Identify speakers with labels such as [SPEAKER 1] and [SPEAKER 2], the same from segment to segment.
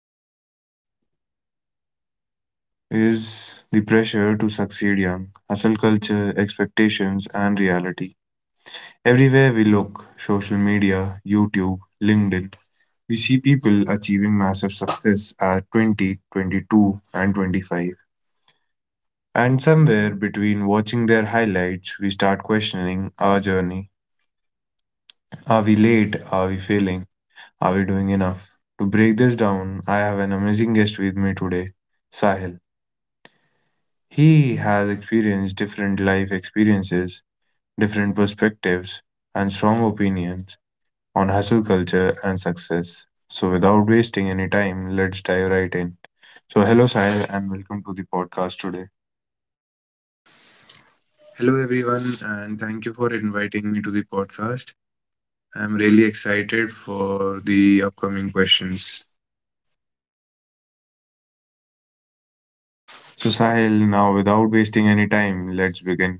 [SPEAKER 1] pressure. Is the pressure to succeed young, hustle culture, expectations, and reality. Everywhere we look: social media, YouTube, LinkedIn. We see people achieving massive success at 20, 22, and 25. And somewhere between watching their highlights, we start questioning our journey. Are we late? Are we failing? Are we doing enough? To break this down, I have an amazing guest with me today, Sahil. He has experienced different life experiences, different perspectives, and strong opinions on hustle culture and success. So, without wasting any time, let's dive right in. So, hello, Sahil, and welcome to the podcast today.
[SPEAKER 2] Hello, everyone, and thank you for inviting me to the podcast. I'm really excited for the upcoming questions.
[SPEAKER 1] So, Sahil, now without wasting any time, let's begin.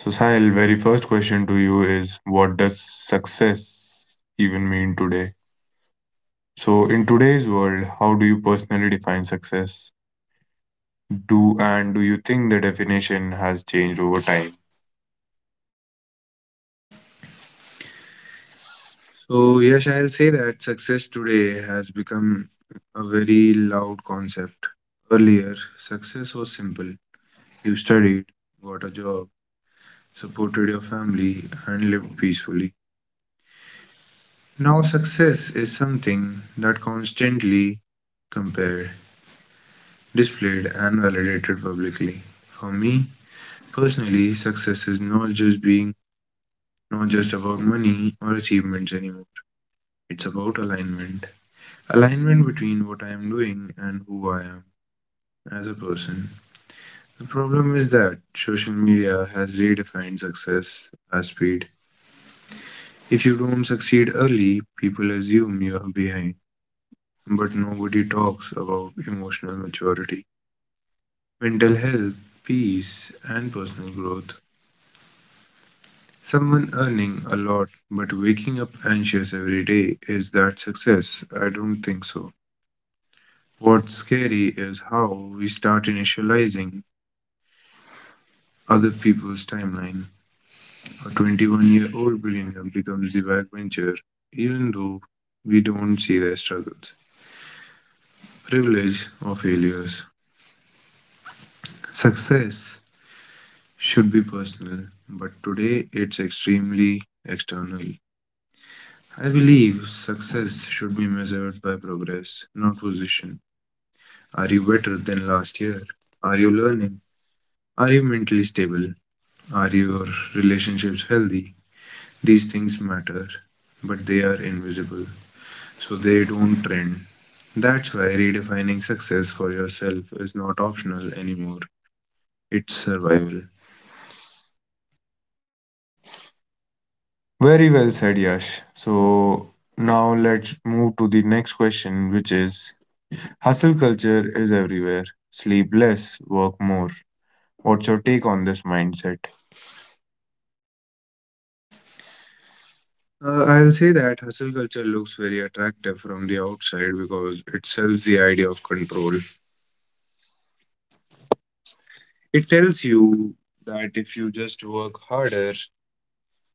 [SPEAKER 1] So, Sahil, very first question to you is, what does success even mean today? So, in today's world, how do you personally define success? Do you think the definition has changed over time?
[SPEAKER 2] So, yes, I'll say that success today has become a very loud concept. Earlier, success was simple. You studied, got a job, supported your family, and lived peacefully. Now, success is something that constantly compared, displayed, and validated publicly. For me, personally, success is not just about money or achievements anymore. It's about alignment. Alignment between what I am doing and who I am as a person. The problem is that social media has redefined success as speed. If you don't succeed early, people assume you are behind, but nobody talks about emotional maturity, mental health, peace, and personal growth. Someone earning a lot but waking up anxious every day is that success? I don't think so. What's scary is how we start initializing other people's timeline. A 21-year-old billionaire becomes the backbencher, even though we don't see their struggles, privilege, or failures. Success should be personal, but today it's extremely external. I believe success should be measured by progress, not position. Are you better than last year? Are you learning? Are you mentally stable? Are your relationships healthy? These things matter, but they are invisible, so they don't trend. That's why redefining success for yourself is not optional anymore, it's survival.
[SPEAKER 1] Very well said, Yash. So, now let's move to the next question, which is, hustle culture is everywhere. Sleep less, work more. What's your take on this mindset?
[SPEAKER 2] I'll say that hustle culture looks very attractive from the outside because it sells the idea of control. It tells you that if you just work harder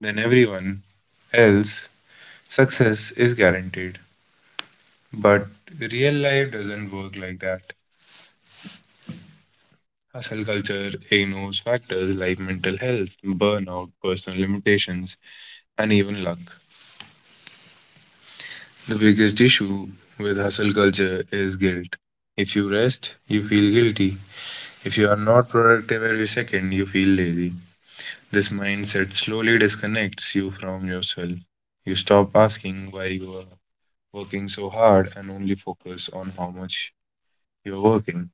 [SPEAKER 2] than everyone else, success is guaranteed. But real life doesn't work like that. Hustle culture ignores factors like mental health, burnout, personal limitations, and even luck. The biggest issue with hustle culture is guilt. If you rest, you feel guilty. If you are not productive every second, you feel lazy. This mindset slowly disconnects you from yourself. You stop asking why you are working so hard and only focus on how much you're working.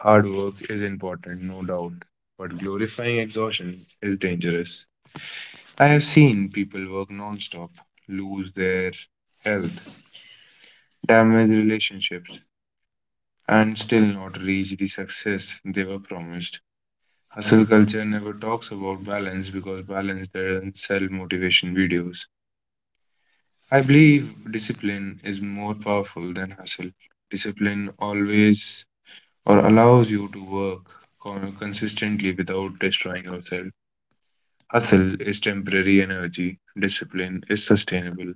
[SPEAKER 2] Hard work is important, no doubt, but glorifying exhaustion is dangerous. I have seen people work non-stop, lose their health, damage relationships, and still not reach the success they were promised. Hustle culture never talks about balance because balance doesn't sell motivation videos. I believe discipline is more powerful than hustle. Discipline always or allows you to work consistently without destroying yourself. Hustle is temporary energy, discipline is sustainable.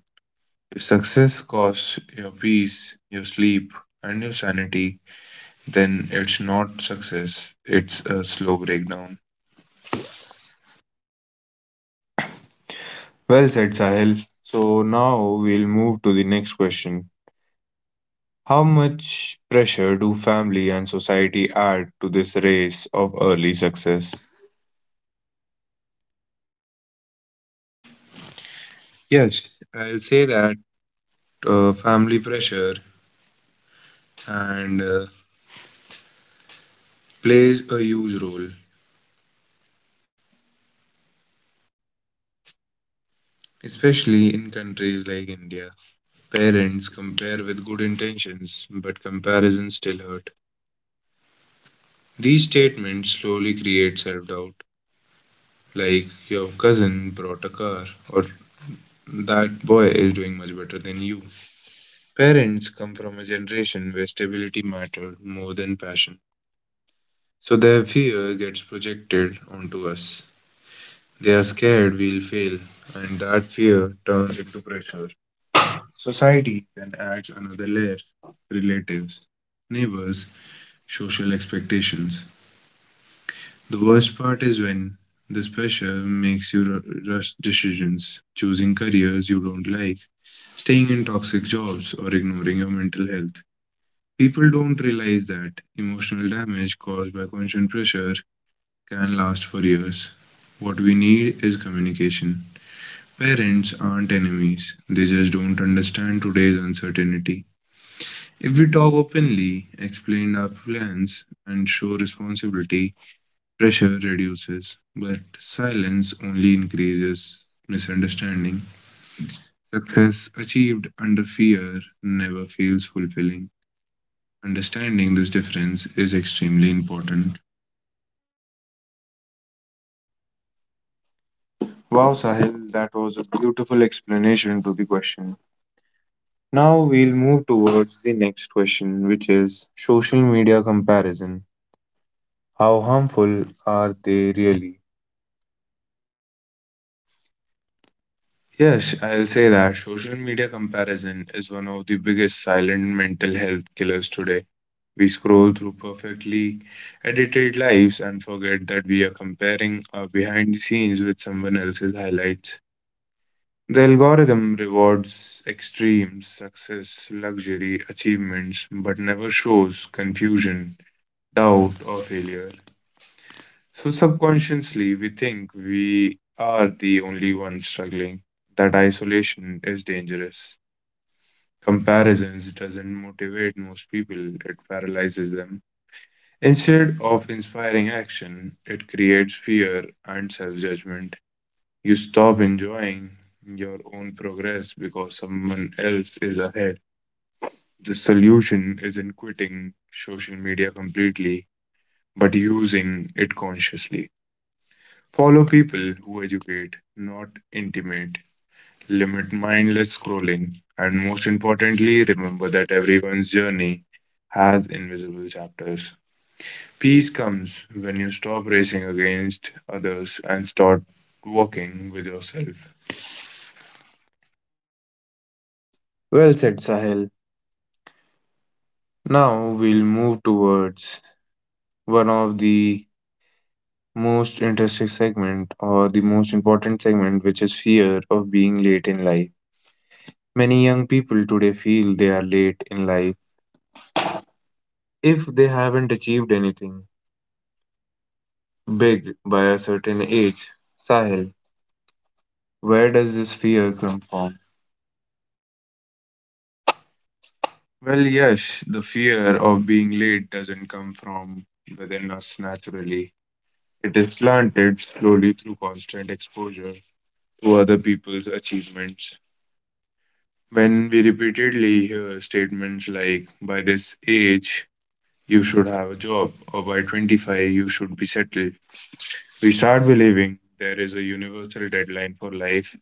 [SPEAKER 2] If success costs your peace, your sleep, and your sanity, then it's not success, it's a slow breakdown.
[SPEAKER 1] Well said, Sahil. So now we'll move to the next question. How much pressure do family and society add to this race of early success?
[SPEAKER 2] Yes, I'll say that family pressure and plays a huge role, especially in countries like India. Parents compare with good intentions, but comparisons still hurt. These statements slowly create self doubt, like your cousin brought a car, or that boy is doing much better than you. Parents come from a generation where stability mattered more than passion. So their fear gets projected onto us. They are scared we'll fail, and that fear turns into pressure. Society then adds another layer relatives, neighbors, social expectations. The worst part is when this pressure makes you rush decisions, choosing careers you don't like, staying in toxic jobs, or ignoring your mental health. People don't realize that emotional damage caused by constant pressure can last for years. What we need is communication. Parents aren't enemies, they just don't understand today's uncertainty. If we talk openly, explain our plans, and show responsibility, pressure reduces, but silence only increases misunderstanding. Success achieved under fear never feels fulfilling. Understanding this difference is extremely important.
[SPEAKER 1] Wow, Sahil, that was a beautiful explanation to the question. Now we'll move towards the next question, which is social media comparison. How harmful are they really?
[SPEAKER 2] Yes, I'll say that social media comparison is one of the biggest silent mental health killers today. We scroll through perfectly edited lives and forget that we are comparing our behind the scenes with someone else's highlights. The algorithm rewards extremes, success, luxury, achievements, but never shows confusion, doubt, or failure. So subconsciously, we think we are the only ones struggling. That isolation is dangerous. Comparisons doesn't motivate most people, it paralyzes them. Instead of inspiring action, it creates fear and self judgment. You stop enjoying your own progress because someone else is ahead. The solution isn't quitting social media completely, but using it consciously. Follow people who educate, not intimate. Limit mindless scrolling, and most importantly, remember that everyone's journey has invisible chapters. Peace comes when you stop racing against others and start walking with yourself.
[SPEAKER 1] Well said, Sahil. Now we'll move towards one of the most interesting segment, or the most important segment, which is fear of being late in life. Many young people today feel they are late in life if they haven't achieved anything big by a certain age. Sahil, where does this fear come from?
[SPEAKER 2] Well, yes, the fear of being late doesn't come from within us naturally. It is planted slowly through constant exposure to other people's achievements. When we repeatedly hear statements like, by this age, you should have a job, or by 25, you should be settled. We start believing there is a universal deadline for life,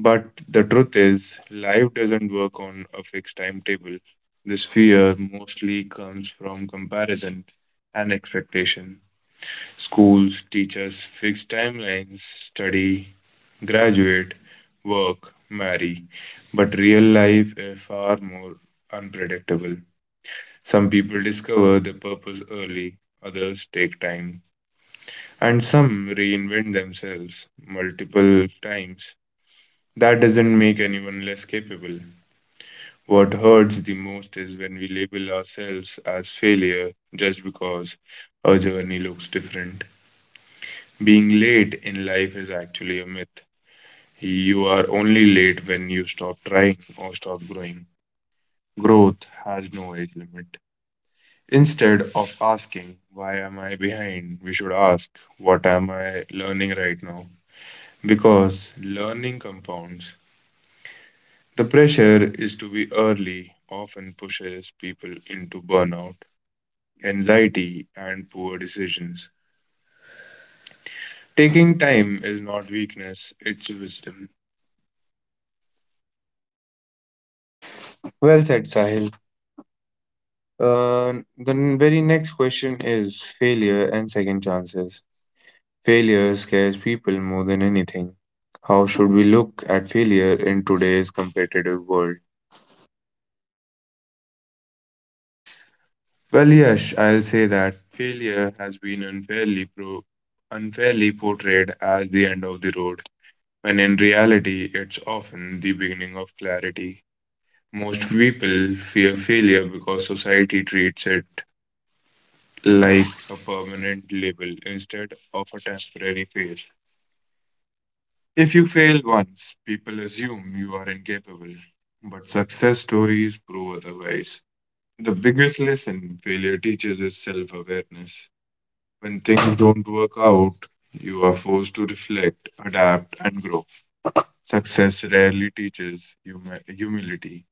[SPEAKER 2] but the truth is, life doesn't work on a fixed timetable. This fear mostly comes from comparison and expectation. Schools teach us fixed timelines, study, graduate, work, marry, but real life is far more unpredictable. Some people discover their purpose early, others take time, and some reinvent themselves multiple times. That doesn't make anyone less capable. What hurts the most is when we label ourselves as failure just because our journey looks different. Being late in life is actually a myth. You are only late when you stop trying or stop growing. Growth has no age limit. Instead of asking, why am I behind, we should ask, what am I learning right now? Because learning compounds. The pressure is to be early often pushes people into burnout, anxiety, and poor decisions. Taking time is not weakness, it's wisdom.
[SPEAKER 1] Well said, Sahil. The very next question is failure and second chances. Failure scares people more than anything. How should we look at failure in today's competitive world?
[SPEAKER 2] Well, yes, I'll say that failure has been unfairly portrayed as the end of the road, when in reality it's often the beginning of clarity. Most people fear failure because society treats it like a permanent label instead of a temporary phase. If you fail once, people assume you are incapable, but success stories prove otherwise. The biggest lesson failure teaches is self awareness. When things don't work out, you are forced to reflect, adapt, and grow. Success rarely teaches humility.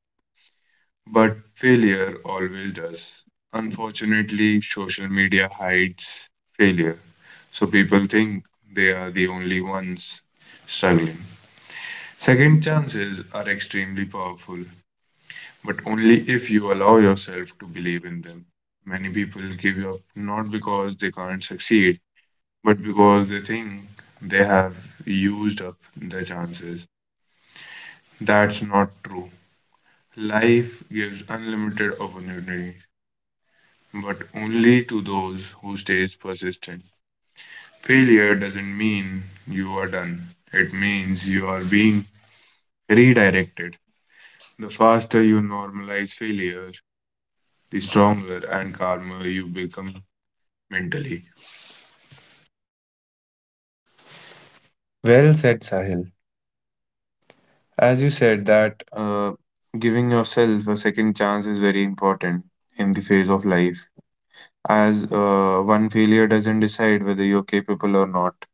[SPEAKER 2] But failure always does. Unfortunately, social media hides failure, so people think they are the only ones struggling. Second chances are extremely powerful, but only if you allow yourself to believe in them. Many people give up not because they can't succeed, but because they think they have used up their chances. That's not true. Life gives unlimited opportunity but only to those who stays persistent. Failure doesn't mean you are done. It means you are being redirected. The faster you normalize failure, the stronger and calmer you become mentally.
[SPEAKER 1] Well said, Sahil. As you said, that giving yourself a second chance is very important in the phase of life, as one failure doesn't decide whether you're capable or not.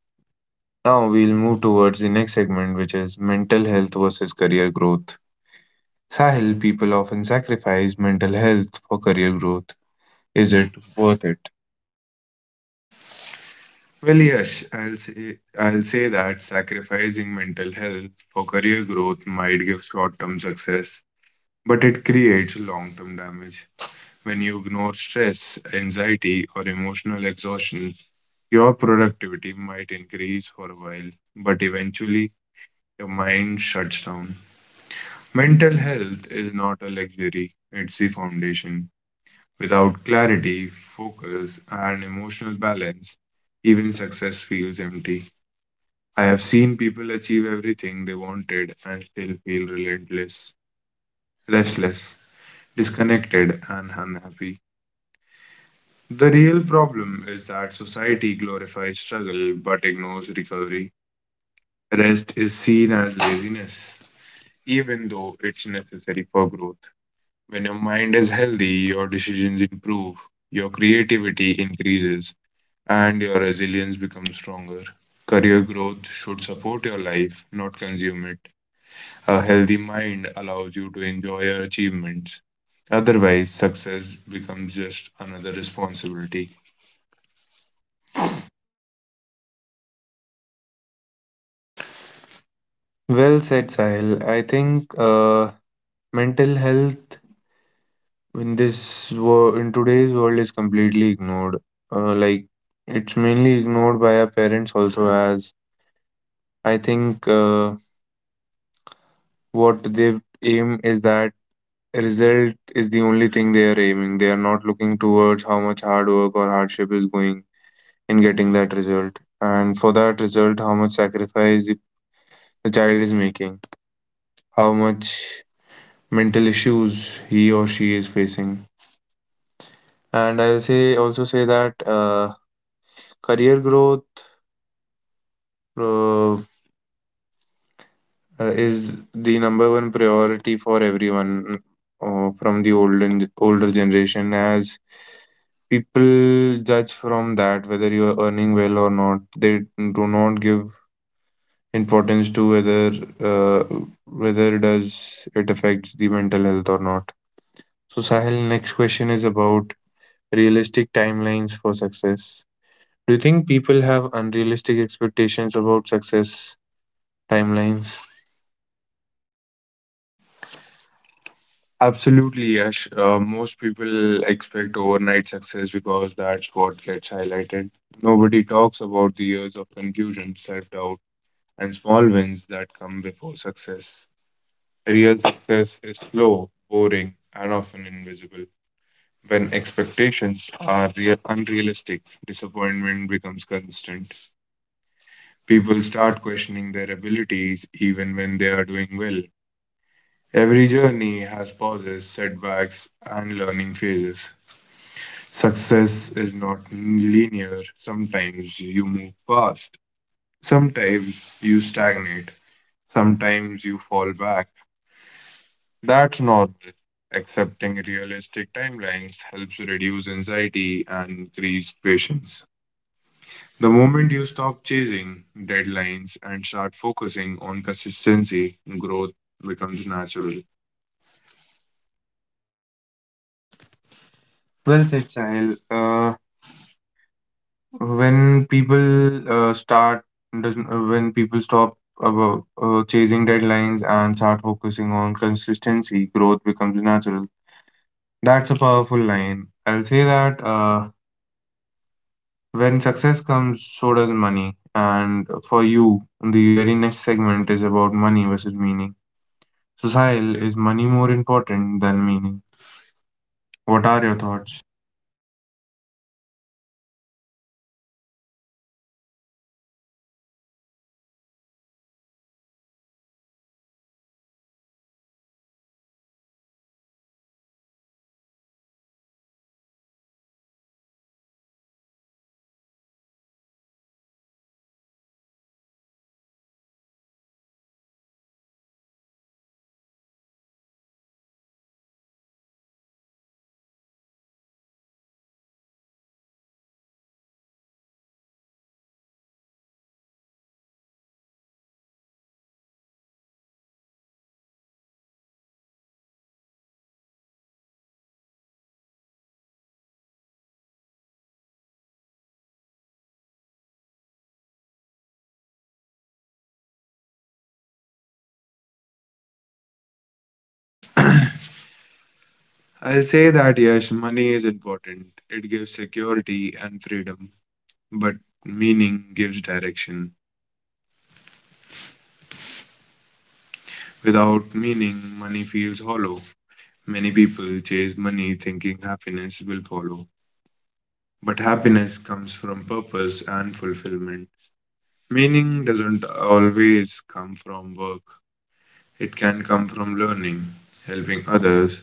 [SPEAKER 1] Now we'll move towards the next segment, which is mental health versus career growth. Sahil, people often sacrifice mental health for career growth. Is it worth it?
[SPEAKER 2] Well, yes, I'll say that sacrificing mental health for career growth might give short-term success, but it creates long-term damage. When you ignore stress, anxiety, or emotional exhaustion, your productivity might increase for a while, but eventually your mind shuts down. Mental health is not a luxury, it's the foundation. Without clarity, focus, and emotional balance, even success feels empty. I have seen people achieve everything they wanted and still feel relentless, restless, disconnected, and unhappy. The real problem is that society glorifies struggle but ignores recovery. Rest is seen as laziness, even though it's necessary for growth. When your mind is healthy, your decisions improve, your creativity increases, and your resilience becomes stronger. Career growth should support your life, not consume it. A healthy mind allows you to enjoy your achievements. Otherwise, success becomes just another responsibility.
[SPEAKER 1] Well said, Sahil. I think mental health in today's world is completely ignored, like it's mainly ignored by our parents also. As I think what they aim is that result is the only thing they are aiming. They are not looking towards how much hard work or hardship is going in getting that result, and for that result how much sacrifice the child is making, how much mental issues he or she is facing. And I'll say also say that career growth, So, is the number one priority for everyone, from the olden older generation. As people judge from that whether you are earning well or not, they do not give importance to whether, uh, whether does it affects the mental health or not. So, Sahil, next question is about realistic timelines for success. Do you think people have unrealistic expectations about success timelines?
[SPEAKER 2] Absolutely, Yash. Most people expect overnight success because that's what gets highlighted. Nobody talks about the years of confusion, self doubt, and small wins that come before success. Real success is slow, boring, and often invisible. When expectations are unrealistic, disappointment becomes constant. People start questioning their abilities even when they are doing well. Every journey has pauses, setbacks, and learning phases. Success is not linear. Sometimes you move fast, sometimes you stagnate, sometimes you fall back. That's normal. Accepting realistic timelines helps reduce anxiety and increase patience. The moment you stop chasing deadlines and start focusing on consistency, growth becomes natural.
[SPEAKER 1] Well said, Sahil. When people start, doesn't- When people stop about chasing deadlines and start focusing on consistency, growth becomes natural. That's a powerful line. I'll say that when success comes, so does money. And for you, the very next segment is about money versus meaning. So, Sahil, is money more important than meaning? What are your thoughts?
[SPEAKER 2] I'll say that yes, money is important. It gives security and freedom, but meaning gives direction. Without meaning, money feels hollow. Many people chase money thinking happiness will follow. But happiness comes from purpose and fulfillment. Meaning doesn't always come from work, it can come from learning, helping others,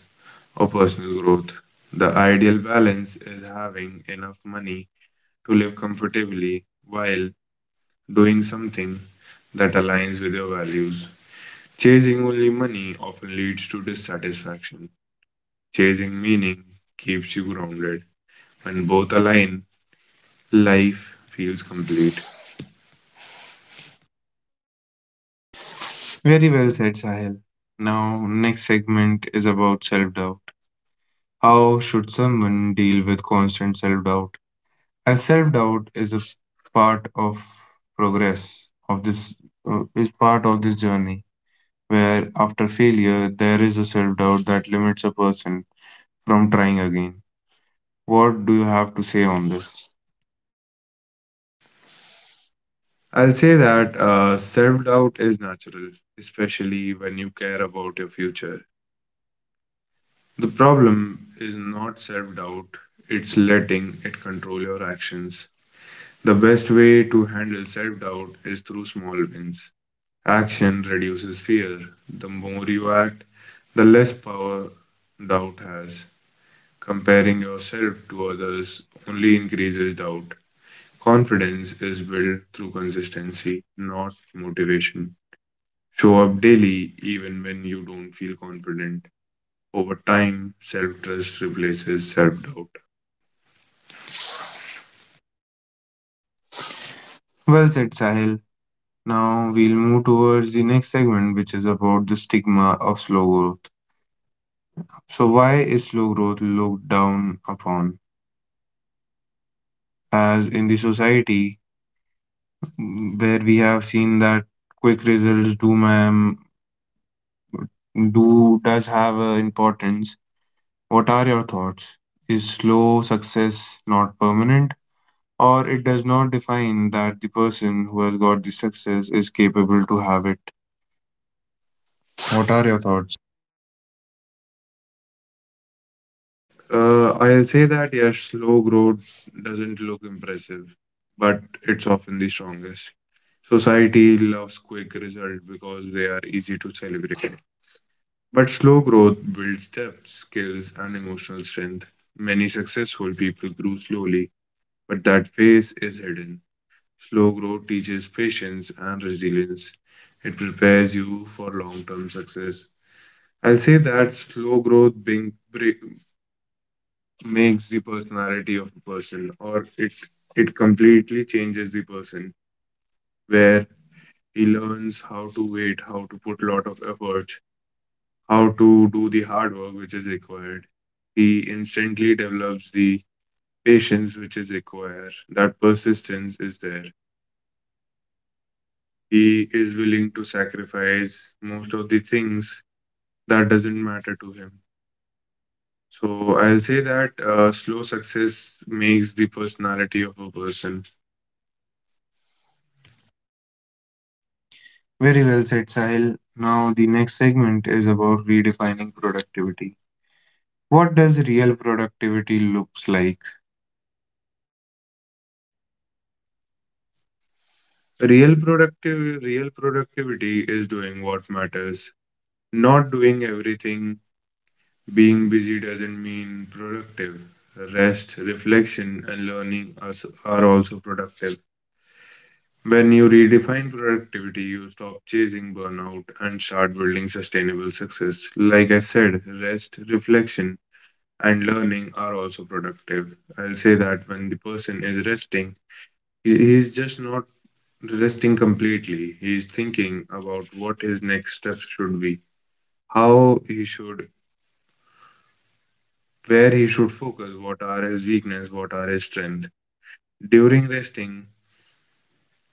[SPEAKER 2] or personal growth. The ideal balance is having enough money to live comfortably while doing something that aligns with your values. Chasing only money often leads to dissatisfaction. Chasing meaning keeps you grounded. When both align, life feels complete.
[SPEAKER 1] Very well said, Sahil. Now, next segment is about self-doubt. How should someone deal with constant self doubt? As self doubt is a part of progress, of this is part of this journey where after failure there is a self doubt that limits a person from trying again. What do you have to say on this?
[SPEAKER 2] I'll say that self doubt is natural, especially when you care about your future. The problem is not self doubt, it's letting it control your actions. The best way to handle self doubt is through small wins. Action reduces fear. The more you act, the less power doubt has. Comparing yourself to others only increases doubt. Confidence is built through consistency, not motivation. Show up daily even when you don't feel confident. Over time, self trust replaces self doubt.
[SPEAKER 1] Well said, Sahil. Now we'll move towards the next segment, which is about the stigma of slow growth. So, why is slow growth looked down upon? As in the society, where we have seen that quick results do ma'am do does have importance. What are your thoughts? Is slow success not permanent, or it does not define that the person who has got the success is capable to have it? What are your thoughts?
[SPEAKER 2] I'll say that yes, slow growth doesn't look impressive, but it's often the strongest. Society loves quick results because they are easy to celebrate. But slow growth builds depth, skills, and emotional strength. Many successful people grew slowly, but that pace is hidden. Slow growth teaches patience and resilience. It prepares you for long-term success. I'll say that slow growth makes the personality of a person, or it completely changes the person, where he learns how to wait, how to put a lot of effort, how to do the hard work which is required. He instantly develops the patience which is required, that persistence is there. He is willing to sacrifice most of the things that doesn't matter to him. So I'll say that slow success makes the personality of a person.
[SPEAKER 1] Very well said, Sahil. Now the next segment is about redefining productivity. What does real productivity looks like?
[SPEAKER 2] Real productivity is doing what matters. Not doing everything. Being busy doesn't mean productive. Rest, reflection, and learning are also productive. When you redefine productivity, you stop chasing burnout and start building sustainable success. Like I said, rest, reflection, and learning are also productive. I'll say that when the person is resting, he's just not resting completely. He is thinking about what his next steps should be, how he should, where he should focus, what are his weaknesses, what are his strengths. During resting,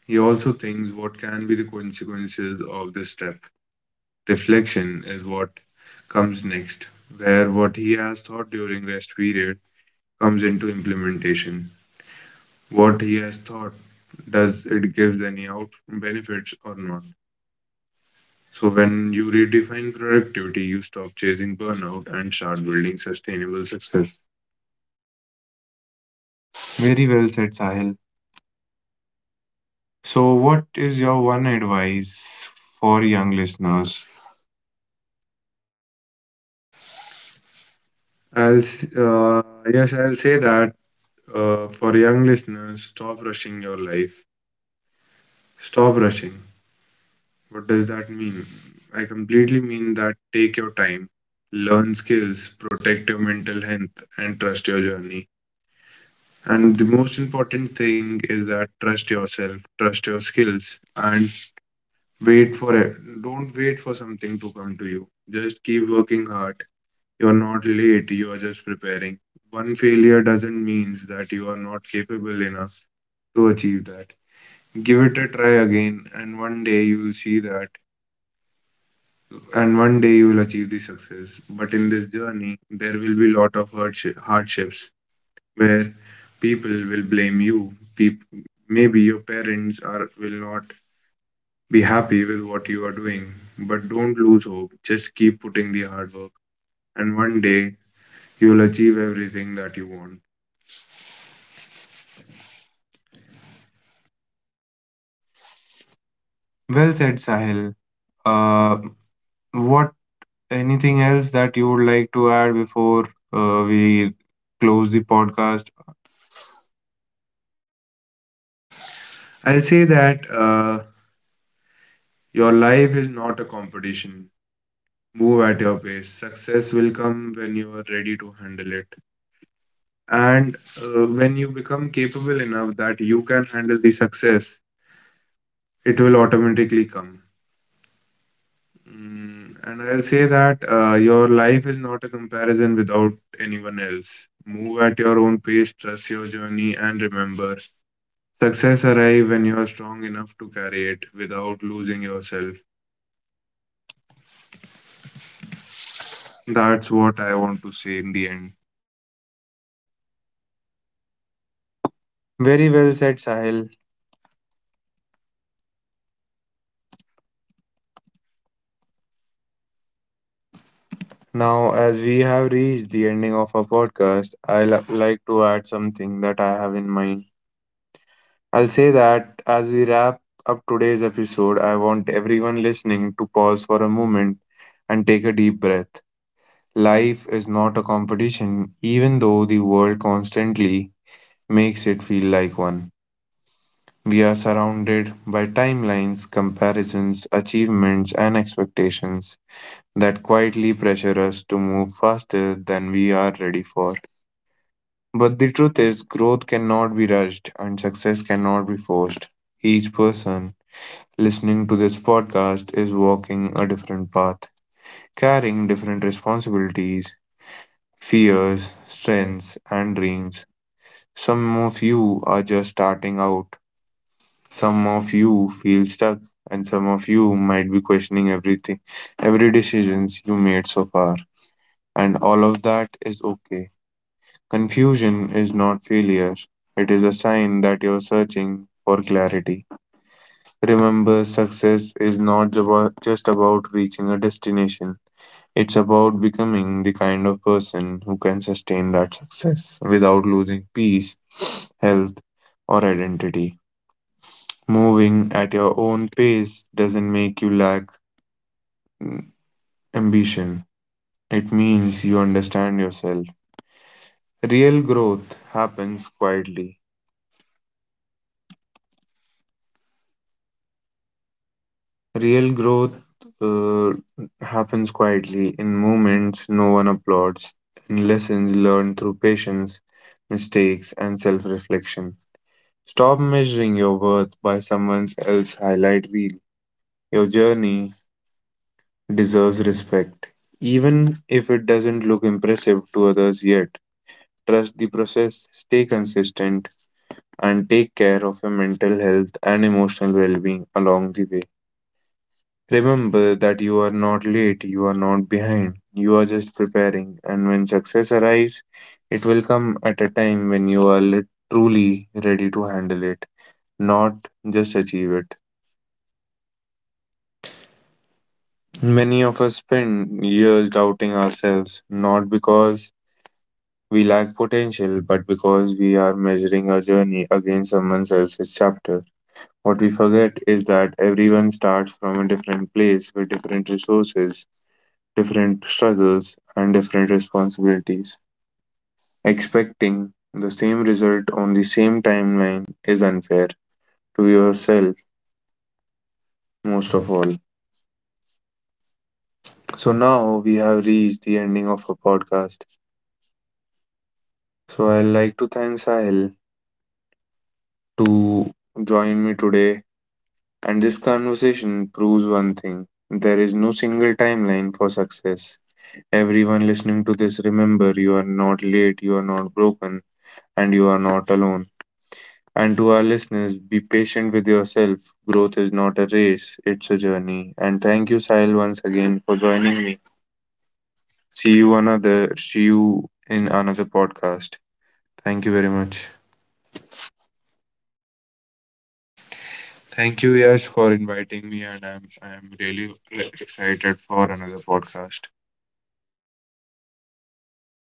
[SPEAKER 2] he also thinks what can be the consequences of this step. Reflection is what comes next, where what he has thought during rest period comes into implementation. What he has thought, does it give any out benefits or not? So when you redefine productivity, you stop chasing burnout and start building sustainable success.
[SPEAKER 1] Very well said, Sahil. So, what is your one advice for young listeners?
[SPEAKER 2] I'll s- uh, yes, I'll say that for young listeners, stop rushing your life. Stop rushing. What does that mean? I completely mean that take your time, learn skills, protect your mental health, and trust your journey. And the most important thing is that trust yourself, trust your skills, and wait for it. Don't wait for something to come to you. Just keep working hard. You're not late, you are just preparing. One failure doesn't mean that you are not capable enough to achieve that. Give it a try again, and one day you will see that, and one day you will achieve the success. But in this journey, there will be lot of hardships where people will blame you. Maybe your parents are will not be happy with what you are doing, but don't lose hope. Just keep putting the hard work, and one day you'll achieve everything that you want.
[SPEAKER 1] Well said, Sahil. Uh, what anything else that you would like to add before we close the podcast?
[SPEAKER 2] I'll say that your life is not a competition. Move at your pace. Success will come when you are ready to handle it. And when you become capable enough that you can handle the success, it will automatically come. And I'll say that your life is not a comparison without anyone else. Move at your own pace, trust your journey, and remember, success arrives when you're strong enough to carry it without losing yourself. That's what I want to say in the end.
[SPEAKER 1] Very well said, Sahil. Now, as we have reached the ending of our podcast, I like to add something that I have in mind. I'll say that as we wrap up today's episode, I want everyone listening to pause for a moment and take a deep breath. Life is not a competition, even though the world constantly makes it feel like one. We are surrounded by timelines, comparisons, achievements, and expectations that quietly pressure us to move faster than we are ready for. But the truth is, growth cannot be rushed and success cannot be forced. Each person listening to this podcast is walking a different path, carrying different responsibilities, fears, strengths, and dreams. Some of you are just starting out, some of you feel stuck, and some of you might be questioning everything, every decisions you made so far. And all of that is okay. Confusion is not failure. It is a sign that you're searching for clarity. Remember, success is not just about reaching a destination. It's about becoming the kind of person who can sustain that success without losing peace, health, or identity. Moving at your own pace doesn't make you lack ambition, it means you understand yourself. Real growth happens quietly. Real growth uh, happens quietly in moments no one applauds, in lessons learned through patience, mistakes, and self reflection. Stop measuring your worth by someone else's highlight reel. Your journey deserves respect, even if it doesn't look impressive to others yet. Trust the process, stay consistent, and take care of your mental health and emotional well being along the way. Remember that you are not late, you are not behind, you are just preparing, and when success arrives, it will come at a time when you are truly ready to handle it, not just achieve it. Many of us spend years doubting ourselves, not because we lack potential, but because we are measuring our journey against someone else's chapter. What we forget is that everyone starts from a different place with different resources, different struggles, and different responsibilities. Expecting the same result on the same timeline is unfair to yourself, most of all. So now we have reached the ending of our podcast. So I'd like to thank Sahil to join me today. And this conversation proves one thing: there is no single timeline for success. Everyone listening to this, remember, you are not late, you are not broken, and you are not alone. And to our listeners, be patient with yourself. Growth is not a race, it's a journey. And thank you, Sahil, once again for joining me. See you in another podcast. Thank you very much.
[SPEAKER 2] Thank you, Yash, for inviting me, and I'm really excited for another podcast.